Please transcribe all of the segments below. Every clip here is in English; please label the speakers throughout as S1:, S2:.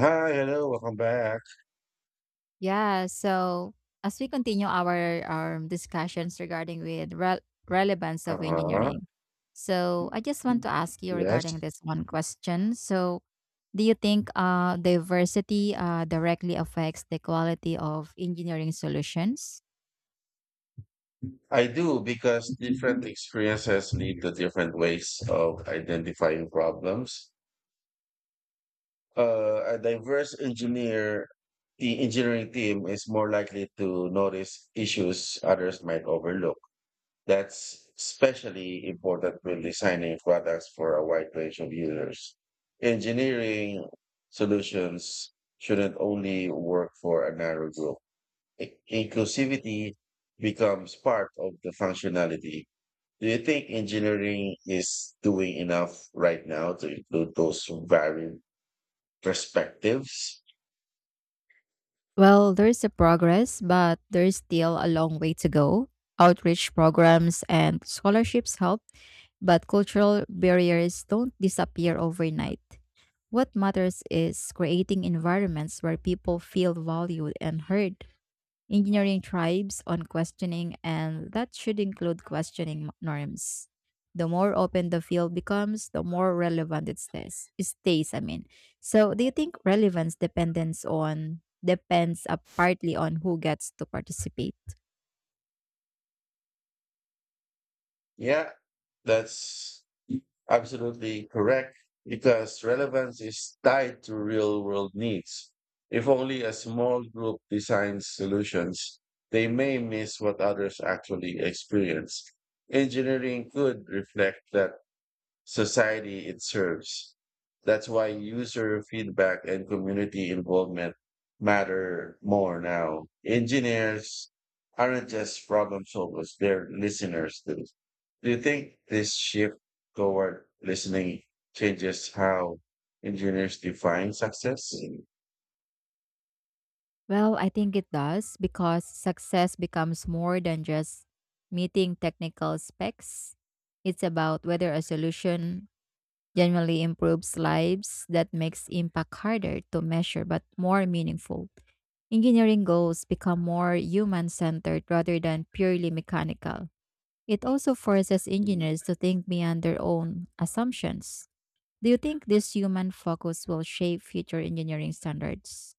S1: Hi, hello, welcome back.
S2: Yeah. So as we continue our discussions regarding with relevance of
S1: Uh-huh.
S2: engineering, so I just want to ask you
S1: Yes,
S2: regarding this one question. So do you think diversity directly affects the quality of engineering solutions?
S1: I do because different experiences lead to different ways of identifying problems. Uh, a diverse engineer, the engineering team is more likely to notice issues others might overlook. That's especially important when designing products for a wide range of users. Engineering solutions shouldn't only work for a narrow group. Inclusivity becomes part of the functionality. Do you think engineering is doing enough right now to include those varied perspectives?
S2: Well, there is a progress, but there is still a long way to go. Outreach programs and scholarships help, but cultural barriers don't disappear overnight. What matters is creating environments where people feel valued and heard. Engineering tribes on questioning, and that should include questioning norms. The more open the field becomes, the more relevant it stays. It stays, I mean. So, do you think relevance depends on depends partly on who gets to participate?
S1: Yeah, that's absolutely correct because relevance is tied to real world needs. If only a small group designs solutions, they may miss what others actually experience. Engineering could reflect that society it serves. That's why user feedback and community involvement matter more now. Engineers aren't just problem solvers, they're listeners too. Do you think this shift toward listening changes how engineers define success?
S2: Well, I think it does because success becomes more than just meeting technical specs. It's about whether a solution genuinely improves lives that makes impact harder to measure but more meaningful. Engineering goals become more human centered rather than purely mechanical. It also forces engineers to think beyond their own assumptions. Do you think this human focus will shape future engineering standards?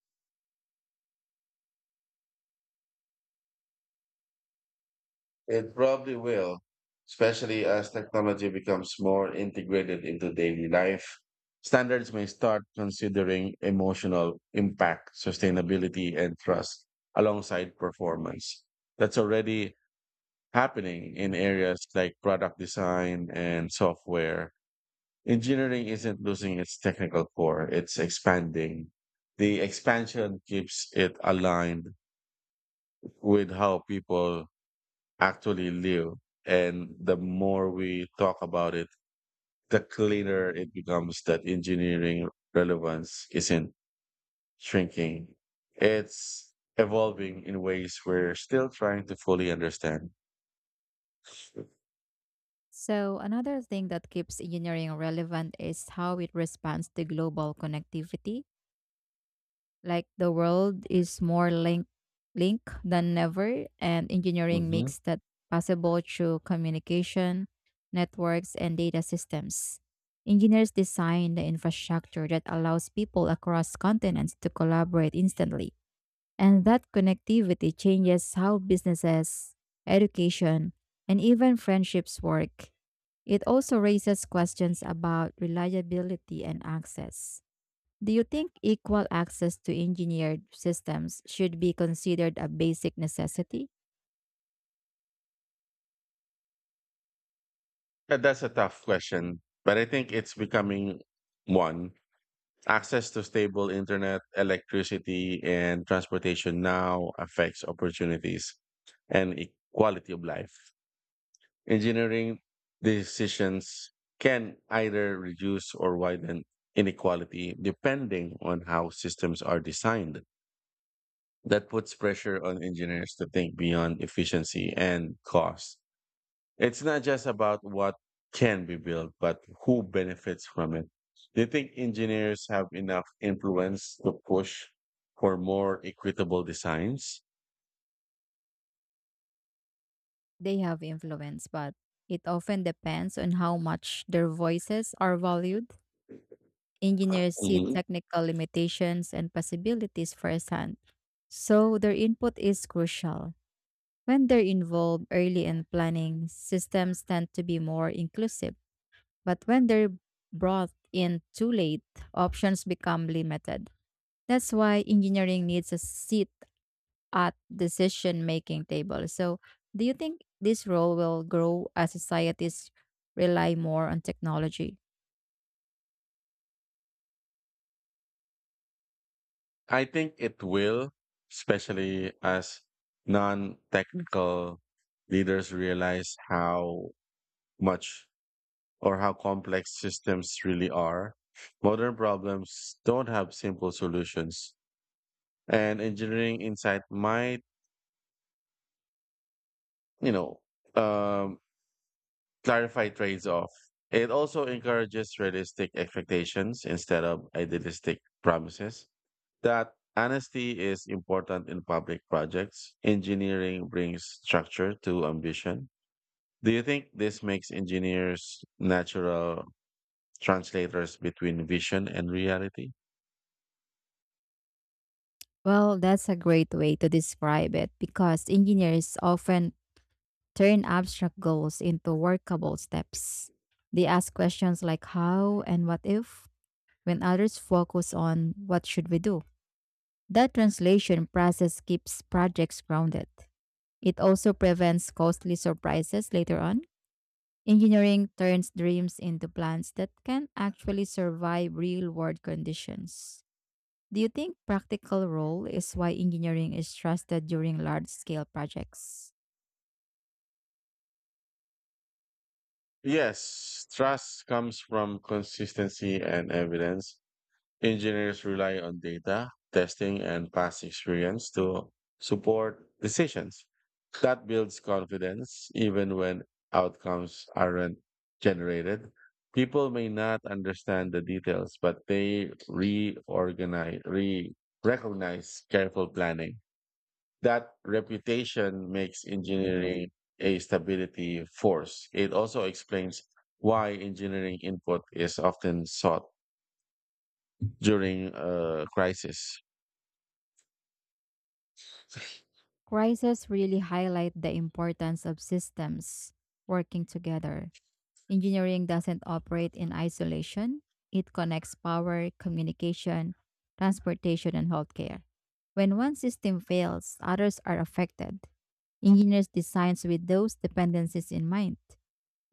S1: It probably will, especially as technology becomes more integrated into daily life. Standards may start considering emotional impact, sustainability, and trust alongside performance. That's already happening in areas like product design and software. Engineering isn't losing its technical core, it's expanding. The expansion keeps it aligned with how people actually live. And the more we talk about it, the clearer it becomes that engineering relevance isn't shrinking. It's evolving in ways we're still trying to fully understand.
S2: So, another thing that keeps engineering relevant is how it responds to global connectivity. Like the world is more link than ever, and engineering
S1: hmm
S2: makes that possible through communication, networks, and data systems. Engineers design the infrastructure that allows people across continents to collaborate instantly. And that connectivity changes how businesses, education, and even friendships work it also raises questions about reliability and access. Do you think equal access to engineered systems should be considered a basic necessity?
S1: that's a tough question, but I think it's becoming one. Access to stable internet, electricity, and transportation now affects opportunities and quality of life. Engineering decisions can either reduce or widen inequality depending on how systems are designed. That puts pressure on engineers to think beyond efficiency and cost. It's not just about what can be built, but who benefits from it. Do you think engineers have enough influence to push for more equitable designs?
S2: They have influence, but it often depends on how much their voices are valued. Engineers see
S1: Mhm.
S2: technical limitations and possibilities firsthand, so their input is crucial. When they're involved early in planning, systems tend to be more inclusive, but when they're brought in too late, options become limited. That's why engineering needs a seat at decision-making table. So, do you think this role will grow as societies rely more on technology?
S1: I think it will, especially as non technical leaders realize how much or how complex systems really are. Modern problems don't have simple solutions, and engineering insight might, you know, um, clarify trades-off. It also encourages realistic expectations instead of idealistic promises. That honesty is important in public projects. Engineering brings structure to ambition. Do you think this makes engineers natural translators between vision and reality?
S2: Well, that's a great way to describe it because engineers often turn abstract goals into workable steps. They ask questions like how and what if, when others focus on what should we do. That translation process keeps projects grounded. It also prevents costly surprises later on. Engineering turns dreams into plans that can actually survive real world conditions. Do you think practical role is why engineering is trusted during large scale projects?
S1: Yes, trust comes from consistency and evidence. Engineers rely on data, testing, and past experience to support decisions. That builds confidence even when outcomes aren't generated. People may not understand the details, but they reorganize, re recognize careful planning. That reputation makes engineering a stability force. It also explains why engineering input is often sought during a crisis.
S2: Crises really highlight the importance of systems working together. Engineering doesn't operate in isolation, it connects power, communication, transportation, and healthcare. When one system fails, others are affected. Engineers designs with those dependencies in mind.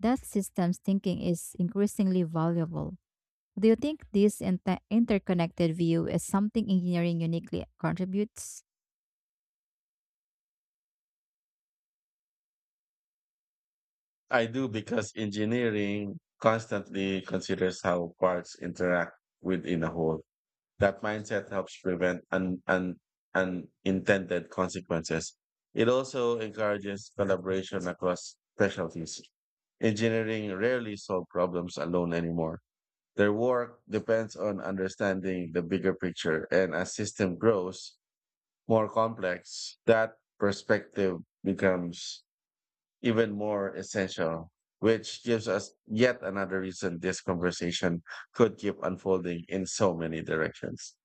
S2: That systems thinking is increasingly valuable. Do you think this interconnected view is something engineering uniquely contributes?
S1: I do because engineering constantly considers how parts interact within a whole. That mindset helps prevent unintended consequences. It also encourages collaboration across specialties. Engineering rarely solves problems alone anymore. Their work depends on understanding the bigger picture, and as system grows more complex, that perspective becomes even more essential, which gives us yet another reason this conversation could keep unfolding in so many directions.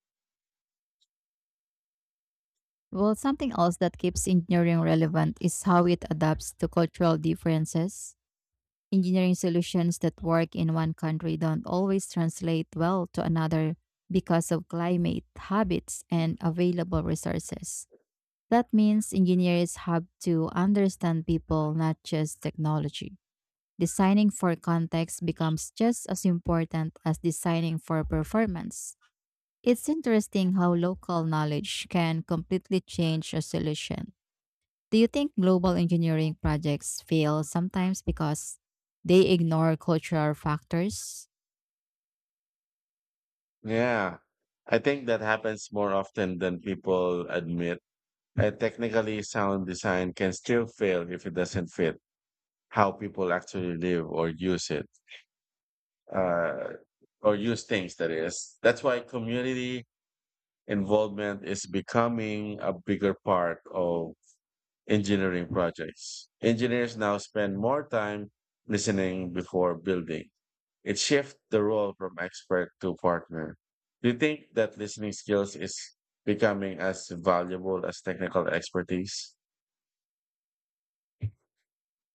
S2: Well, something else that keeps engineering relevant is how it adapts to cultural differences. Engineering solutions that work in one country don't always translate well to another because of climate, habits, and available resources. That means engineers have to understand people, not just technology. Designing for context becomes just as important as designing for performance. It's interesting how local knowledge can completely change a solution. Do you think global engineering projects fail sometimes because they ignore cultural factors?
S1: Yeah, I think that happens more often than people admit. A technically sound design can still fail if it doesn't fit how people actually live or use it uh, or use things. That is that's why community involvement is becoming a bigger part of engineering projects. Engineers now spend more time listening before building. It shifts the role from expert to partner. Do you think that listening skills is becoming as valuable as technical expertise?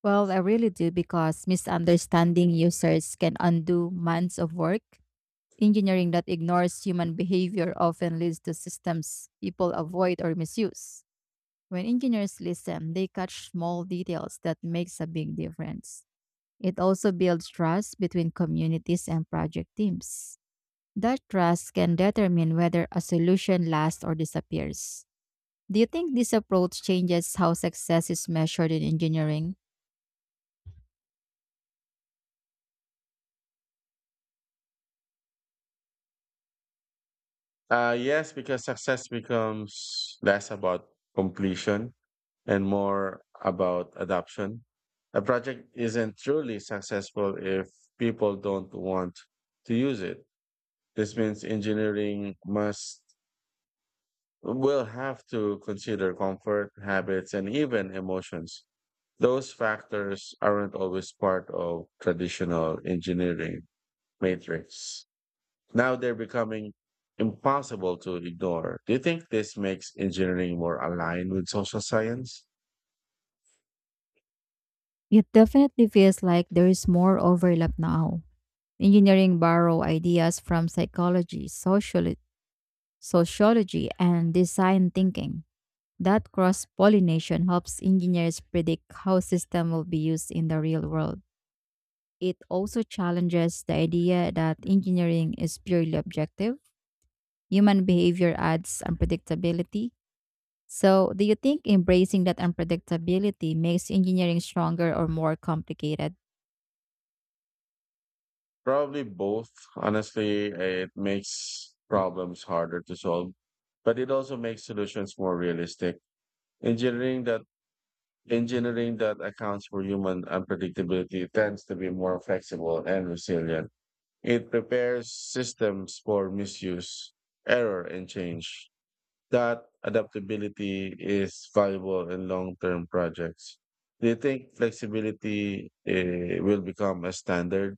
S2: Well, I really do because misunderstanding users can undo months of work. Engineering that ignores human behavior often leads to systems people avoid or misuse. When engineers listen, they catch small details that makes a big difference. It also builds trust between communities and project teams. That trust can determine whether a solution lasts or disappears. Do you think this approach changes how success is measured in engineering?
S1: Yes, because success becomes less about completion and more about adoption. A project isn't truly successful if people don't want to use it. This means engineering must will have to consider comfort, habits, and even emotions. Those factors aren't always part of traditional engineering matrix. Now they're becoming impossible to ignore. Do you think this makes engineering more aligned with social science?
S2: It definitely feels like there is more overlap now. Engineering borrow ideas from psychology, sociology and design thinking. That cross pollination helps engineers predict how system will be used in the real world. It also challenges the idea that engineering is purely objective. Human behavior adds unpredictability. So, do you think embracing that unpredictability makes engineering stronger or more complicated?
S1: Probably both. Honestly, it makes problems harder to solve, but it also makes solutions more realistic. Engineering that Engineering that accounts for human unpredictability tends to be more flexible and resilient. It prepares systems for misuse, error, and change. That adaptability is valuable in long term projects. Do you think flexibility will become a standard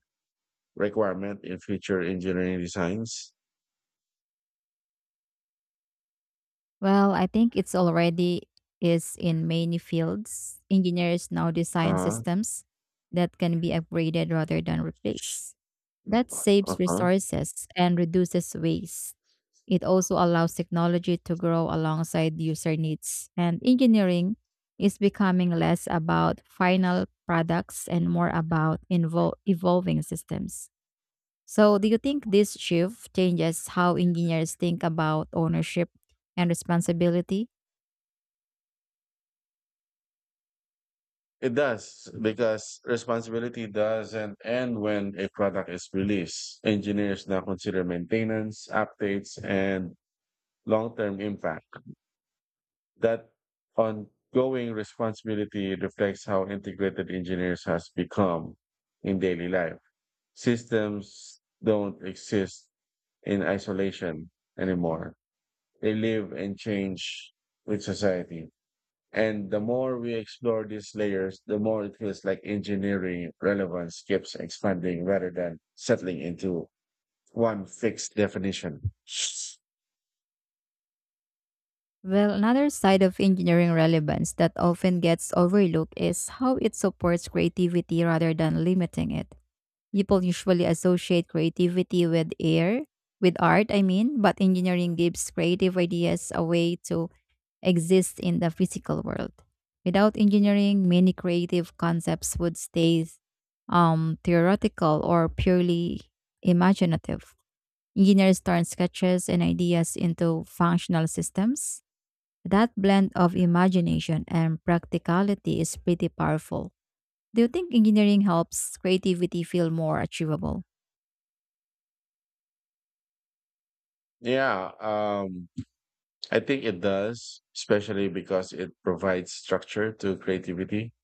S1: requirement in future engineering designs?
S2: Well, I think it's already is in many fields. Engineers now design
S1: Uh
S2: systems that can be upgraded rather than replaced. That
S1: huh. Uh
S2: saves
S1: huh.
S2: resources and reduces waste. It also allows technology to grow alongside user needs, and engineering is becoming less about final products and more about invol evolving systems. So, do you think this shift changes how engineers think about ownership and responsibility?
S1: It does because responsibility doesn't end when a product is released. Engineers now consider maintenance, updates, and long-term impact. That ongoing responsibility reflects how integrated engineers has become in daily life. Systems don't exist in isolation anymore. They live and change with society. And the more we explore these layers, the more it feels like engineering relevance keeps expanding rather than settling into one fixed definition.
S2: Well, another side of engineering relevance that often gets overlooked is how it supports creativity rather than limiting it. People usually associate creativity with air, with art, I mean, but engineering gives creative ideas a way to exist in the physical world. Without engineering, many creative concepts would stay theoretical or purely imaginative. Engineers turn sketches and ideas into functional systems. That blend of imagination and practicality is pretty powerful. Do you think engineering helps creativity feel more achievable?
S1: Yeah, I think it does, especially because it provides structure to creativity.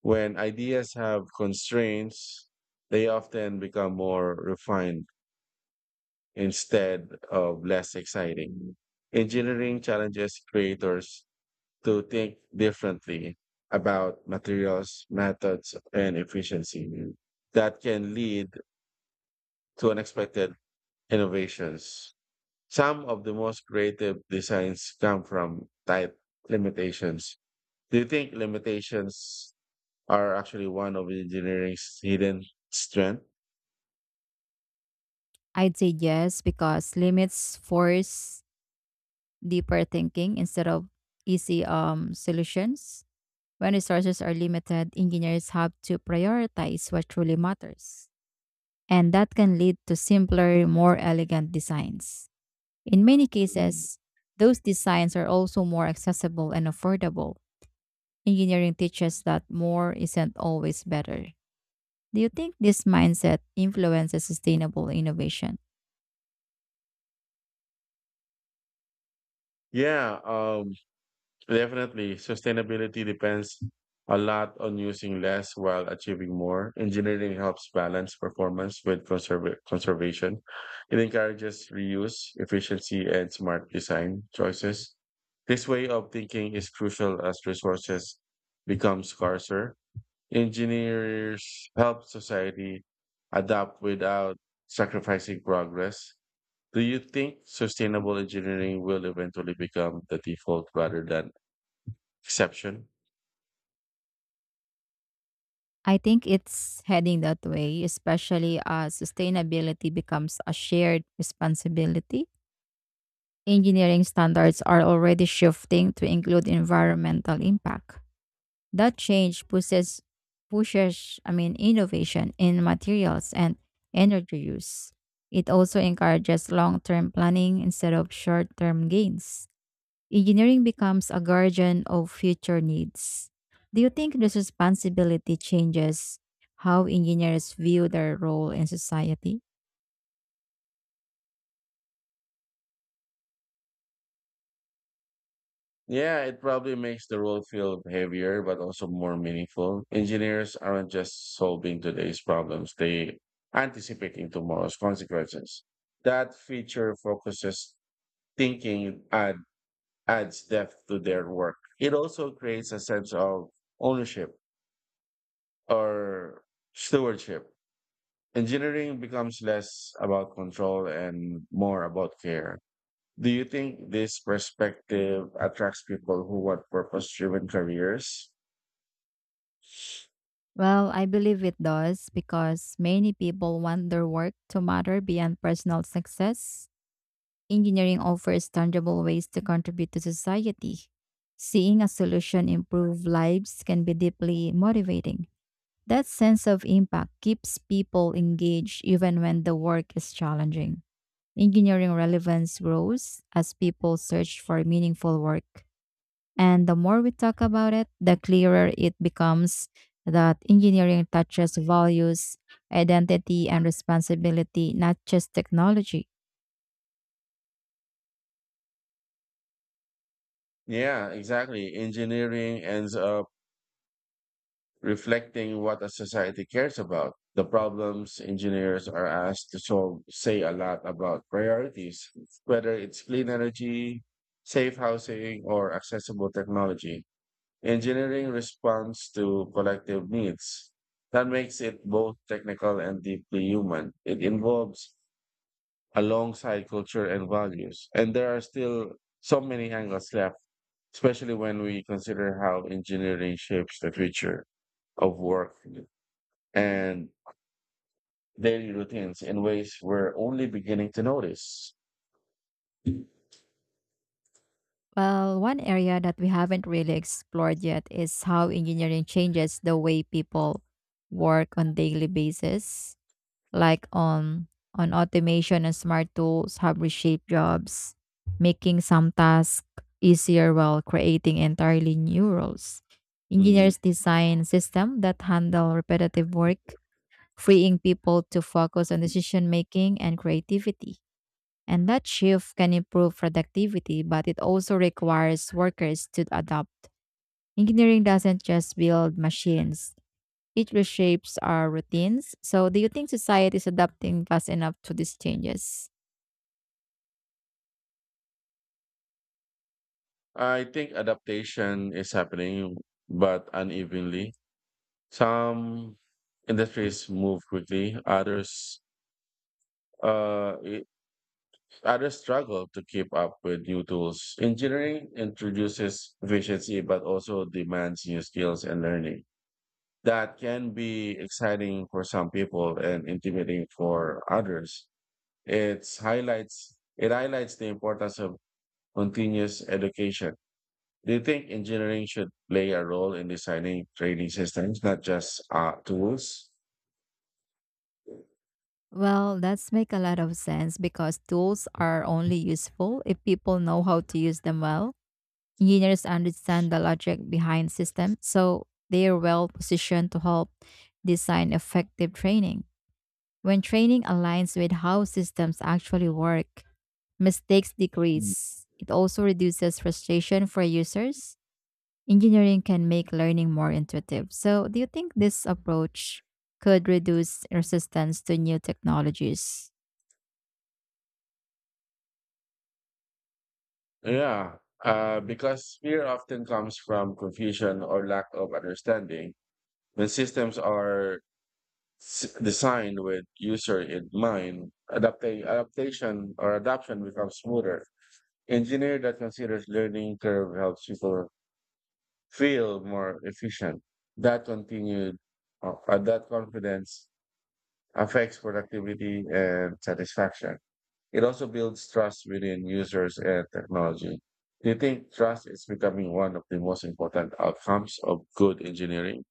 S1: When ideas have constraints, they often become more refined instead of less exciting. Engineering challenges creators to think differently about materials, methods, and efficiency. That can lead to unexpected innovations. Some of the most creative designs come from tight limitations. Do you think limitations are actually one of engineering's hidden strength?
S2: I'd say yes because limits force deeper thinking instead of easy solutions. When resources are limited, engineers have to prioritize what truly matters. And that can lead to simpler, more elegant designs. In many
S1: Mm.
S2: cases, those designs are also more accessible and affordable. Engineering teaches that more isn't always better. Do you think this mindset influences sustainable innovation?
S1: Yeah, definitely, sustainability depends a lot on using less while achieving more. Engineering helps balance performance with conservation. It encourages reuse, efficiency, and smart design choices. This way of thinking is crucial as resources become scarcer. Engineers help society adapt without sacrificing progress. Do you think sustainable engineering will eventually become the default rather than exception?
S2: I think it's heading that way, especially as sustainability becomes a shared responsibility. Engineering standards are already shifting to include environmental impact. That change pushes innovation in materials and energy use. It also encourages long-term planning instead of short-term gains engineering becomes a guardian of future needs. Do you think this responsibility changes how engineers view their role in society?
S1: Yeah, it probably makes the role feel heavier, but also more meaningful. Engineers aren't just solving today's problems, they anticipating tomorrow's consequences. That feature focuses thinking and adds depth to their work. It also creates a sense of ownership or stewardship. Engineering becomes less about control and more about care. Do you think this perspective attracts people who want purpose driven careers?
S2: Well, I believe it does because many people want their work to matter beyond personal success. Engineering offers tangible ways to contribute to society. Seeing a solution improve lives can be deeply motivating. That sense of impact keeps people engaged even when the work is challenging. Engineering relevance grows as people search for meaningful work. And the more we talk about it, the clearer it becomes that engineering touches values, identity, and responsibility, not just technology.
S1: Yeah, exactly. Engineering ends up reflecting what a society cares about. The problems engineers are asked to solve say a lot about priorities, whether it's clean energy, safe housing, or accessible technology. Engineering responds to collective needs. That makes it both technical and deeply human. It involves alongside culture and values. And there are still so many angles left, especially when we consider how engineering shapes the future of work and daily routines in ways we're only beginning to notice.
S2: Well, one area that we haven't really explored yet is how engineering changes the way people work on daily basis. Like on automation and smart tools have reshaped jobs, making some tasks easier while creating entirely new roles.
S1: Mm.
S2: Engineers design systems that handle repetitive work, freeing people to focus on decision making and creativity. And that shift can improve productivity, but it also requires workers to adapt. Engineering doesn't just build machines, it reshapes our routines. So, do you think society is adapting fast enough to these changes?
S1: I think adaptation is happening, but unevenly. Some industries move quickly, uh, i- others struggle to keep up with new tools. Engineering introduces efficiency but also demands new skills and learning. That can be exciting for some people and intimidating for others. It highlights the importance of continuous education. Do you think engineering should play a role in designing training systems, not just tools?
S2: Well, that's make a lot of sense because tools are only useful if people know how to use them well. Engineers understand the logic behind systems, so they are well positioned to help design effective training. When training aligns with how systems actually work, mistakes
S1: Mm.
S2: decrease. It also reduces frustration for users engineering can make learning more intuitive. So, do you think this approach could reduce resistance to new technologies?
S1: Yeah, because fear often comes from confusion or lack of understanding. When systems are designed with user in mind, adaptation or adoption becomes smoother. Engineer that considers learning curve helps people feel more efficient. That continued that confidence affects productivity and satisfaction. It also builds trust within users and technology. Do you think trust is becoming one of the most important outcomes of good engineering?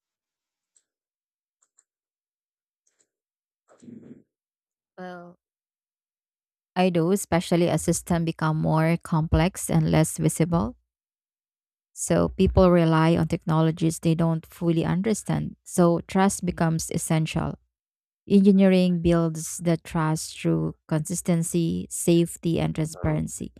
S2: Well, I do, especially as systems become more complex and less visible. So, people rely on technologies they don't fully understand. So, trust becomes essential. Engineering builds the trust through consistency, safety, and
S1: Uh,
S2: transparency.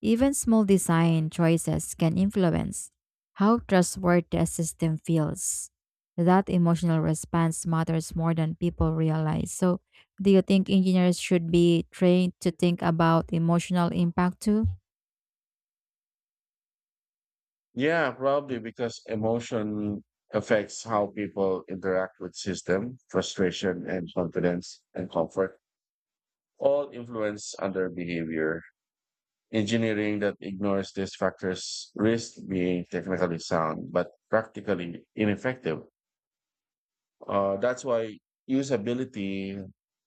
S2: Even small design choices can influence how trustworthy a system feels. That emotional response matters more than people realize. So, do you think engineers should be trained to think about emotional impact too?
S1: Yeah, probably because emotion affects how people interact with system, frustration and confidence and comfort all influence other behavior. Engineering that ignores these factors risks being technically sound but practically ineffective. That's why usability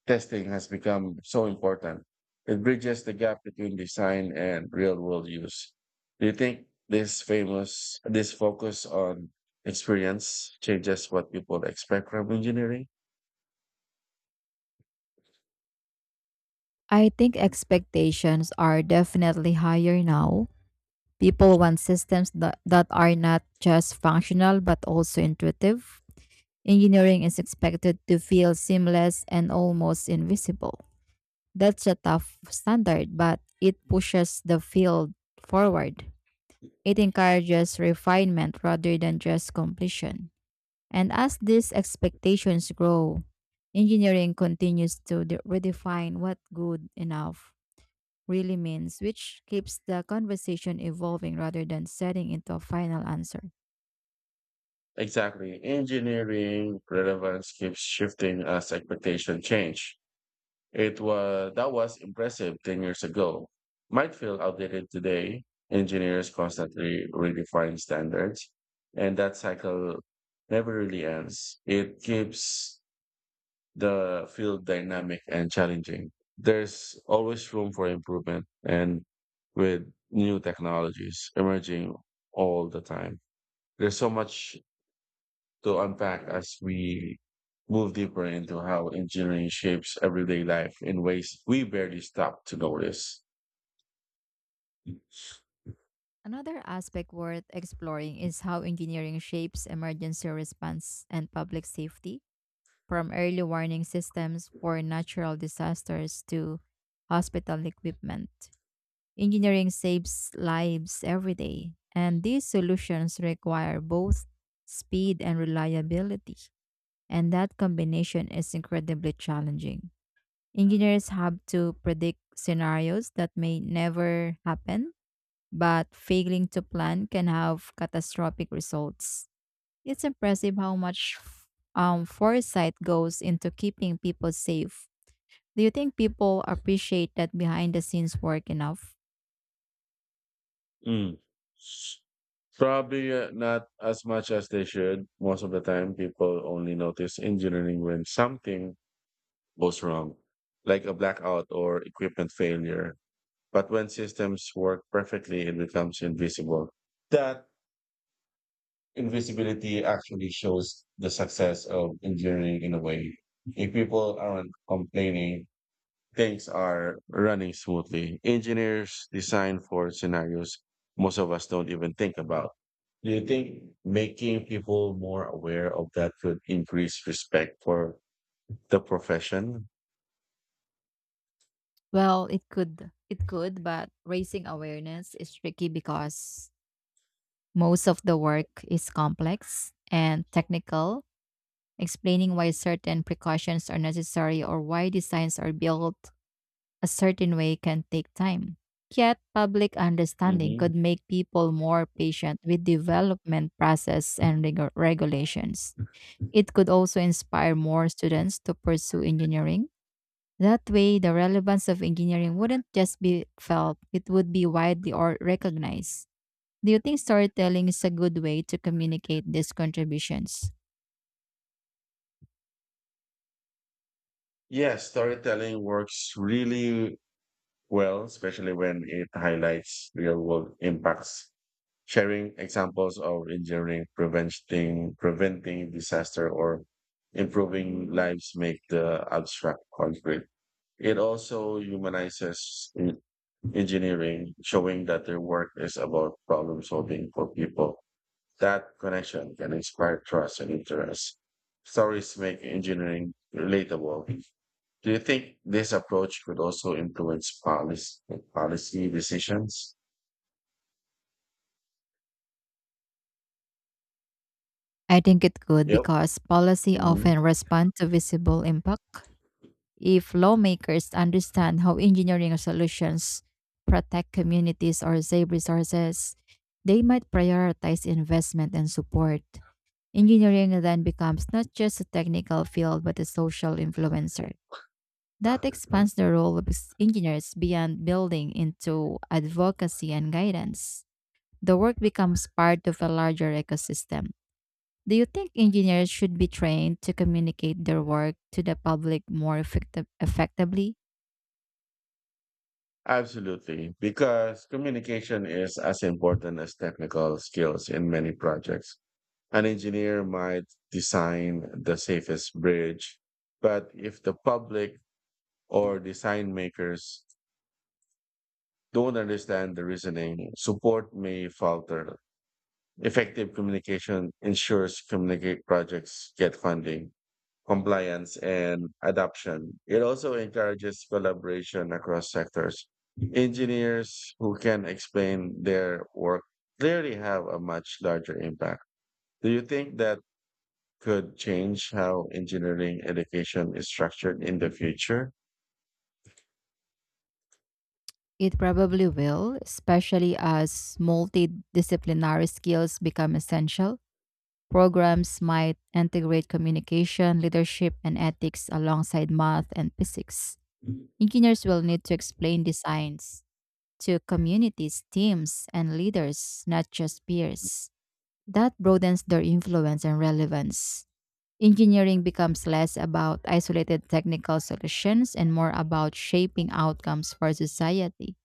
S1: testing has become so important. It bridges the gap between design and real world use. Do you think this focus on experience changes what people expect from engineering?
S2: I think expectations are definitely higher now. People want systems that are not just functional but also intuitive. Engineering is expected to feel seamless and almost invisible. That's a tough standard, but it pushes the field forward. It encourages refinement rather than just completion. And as these expectations grow, engineering continues to redefine what good enough really means, which keeps the conversation evolving rather than setting into a final answer.
S1: Exactly. Engineering relevance keeps shifting as expectation change. It was That was impressive 10 years ago. Might feel outdated today. Engineers constantly redefine standards, and that cycle never really ends. It keeps the field dynamic and challenging. There's always room for improvement, and with new technologies emerging all the time, there's so much to unpack as we move deeper into how engineering shapes everyday life in ways we barely stop to notice.
S2: Another aspect worth exploring is how engineering shapes emergency response and public safety from early warning systems for natural disasters to hospital equipment. Engineering saves lives every day, and these solutions require both speed and reliability, and that combination is incredibly challenging. Engineers have to predict scenarios that may never happen, but failing to plan can have catastrophic results. It's impressive how much foresight goes into keeping people safe. Do you think people appreciate that behind the scenes work enough?
S1: Mm. Probably not as much as they should. Most of the time, people only notice engineering when something goes wrong, like a blackout or equipment failure. But when systems work perfectly, it becomes invisible. That invisibility actually shows the success of engineering in a way. If people aren't complaining, things are running smoothly. Engineers design for scenarios most of us don't even think about. Do you think making people more aware of that could increase respect for the profession?
S2: Well, it could. It could, but raising awareness is tricky because most of the work is complex and technical. Explaining why certain precautions are necessary or why designs are built a certain way can take time. Yet, public understanding
S1: hmm
S2: could make people more patient with development process and regulations. It could also inspire more students to pursue engineering. That way, the relevance of engineering wouldn't just be felt, it would be widely or recognized. Do you think storytelling is a good way to communicate these contributions?
S1: Yes, storytelling works really well, especially when it highlights real world impacts. Sharing examples of engineering preventing disaster or improving lives make the abstract concrete. It also humanizes engineering, showing that their work is about problem solving for people. That connection can inspire trust and interest. Stories make engineering relatable. Do you think this approach could also influence policy decisions?
S2: I think it could
S1: Yep.
S2: because policy
S1: Mhm.
S2: often responds to visible impact. If lawmakers understand how engineering solutions protect communities or save resources, they might prioritize investment and support. Engineering then becomes not just a technical field but a social influencer. That expands the role of engineers beyond building into advocacy and guidance. The work becomes part of a larger ecosystem. Do you think engineers should be trained to communicate their work to the public more effectively?
S1: Absolutely, because communication is as important as technical skills in many projects. An engineer might design the safest bridge, but if the public or design makers don't understand the reasoning, support may falter. Effective communication ensures communicate projects get funding compliance and adoption. It also encourages collaboration across sectors. Engineers who can explain their work clearly have a much larger impact. Do you think that could change how engineering education is structured in the future?
S2: It probably will, especially as multidisciplinary skills become essential. Programs might integrate communication, leadership, and ethics alongside math and physics. Engineers will need to explain designs to communities, teams, and leaders, not just peers. That broadens their influence and relevance. Engineering becomes less about isolated technical solutions and more about shaping outcomes for society.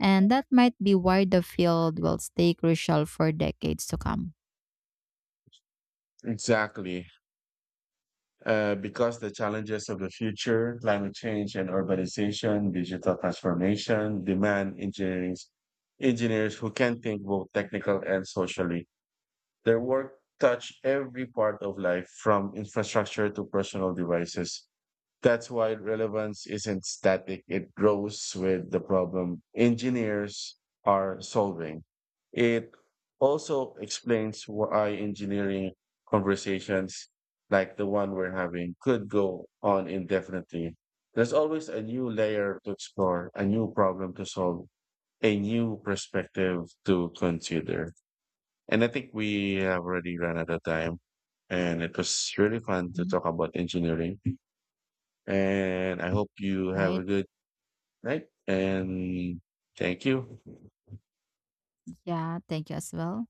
S2: And that might be why the field will stay crucial for decades to come.
S1: Exactly. Because the challenges of the future, climate change and urbanization, digital transformation, demand engineers who can think both technical and socially. Their work touch every part of life, from infrastructure to personal devices. That's why relevance isn't static, it grows with the problem engineers are solving. It also explains why engineering conversations like the one we're having could go on indefinitely. There's always a new layer to explore, a new problem to solve, a new perspective to consider. And I think we have already run out of time, and it was really fun to
S2: Mhm.
S1: talk about engineering. And I hope you have
S2: Right?
S1: a good night. And thank you.
S2: Yeah, thank you as well.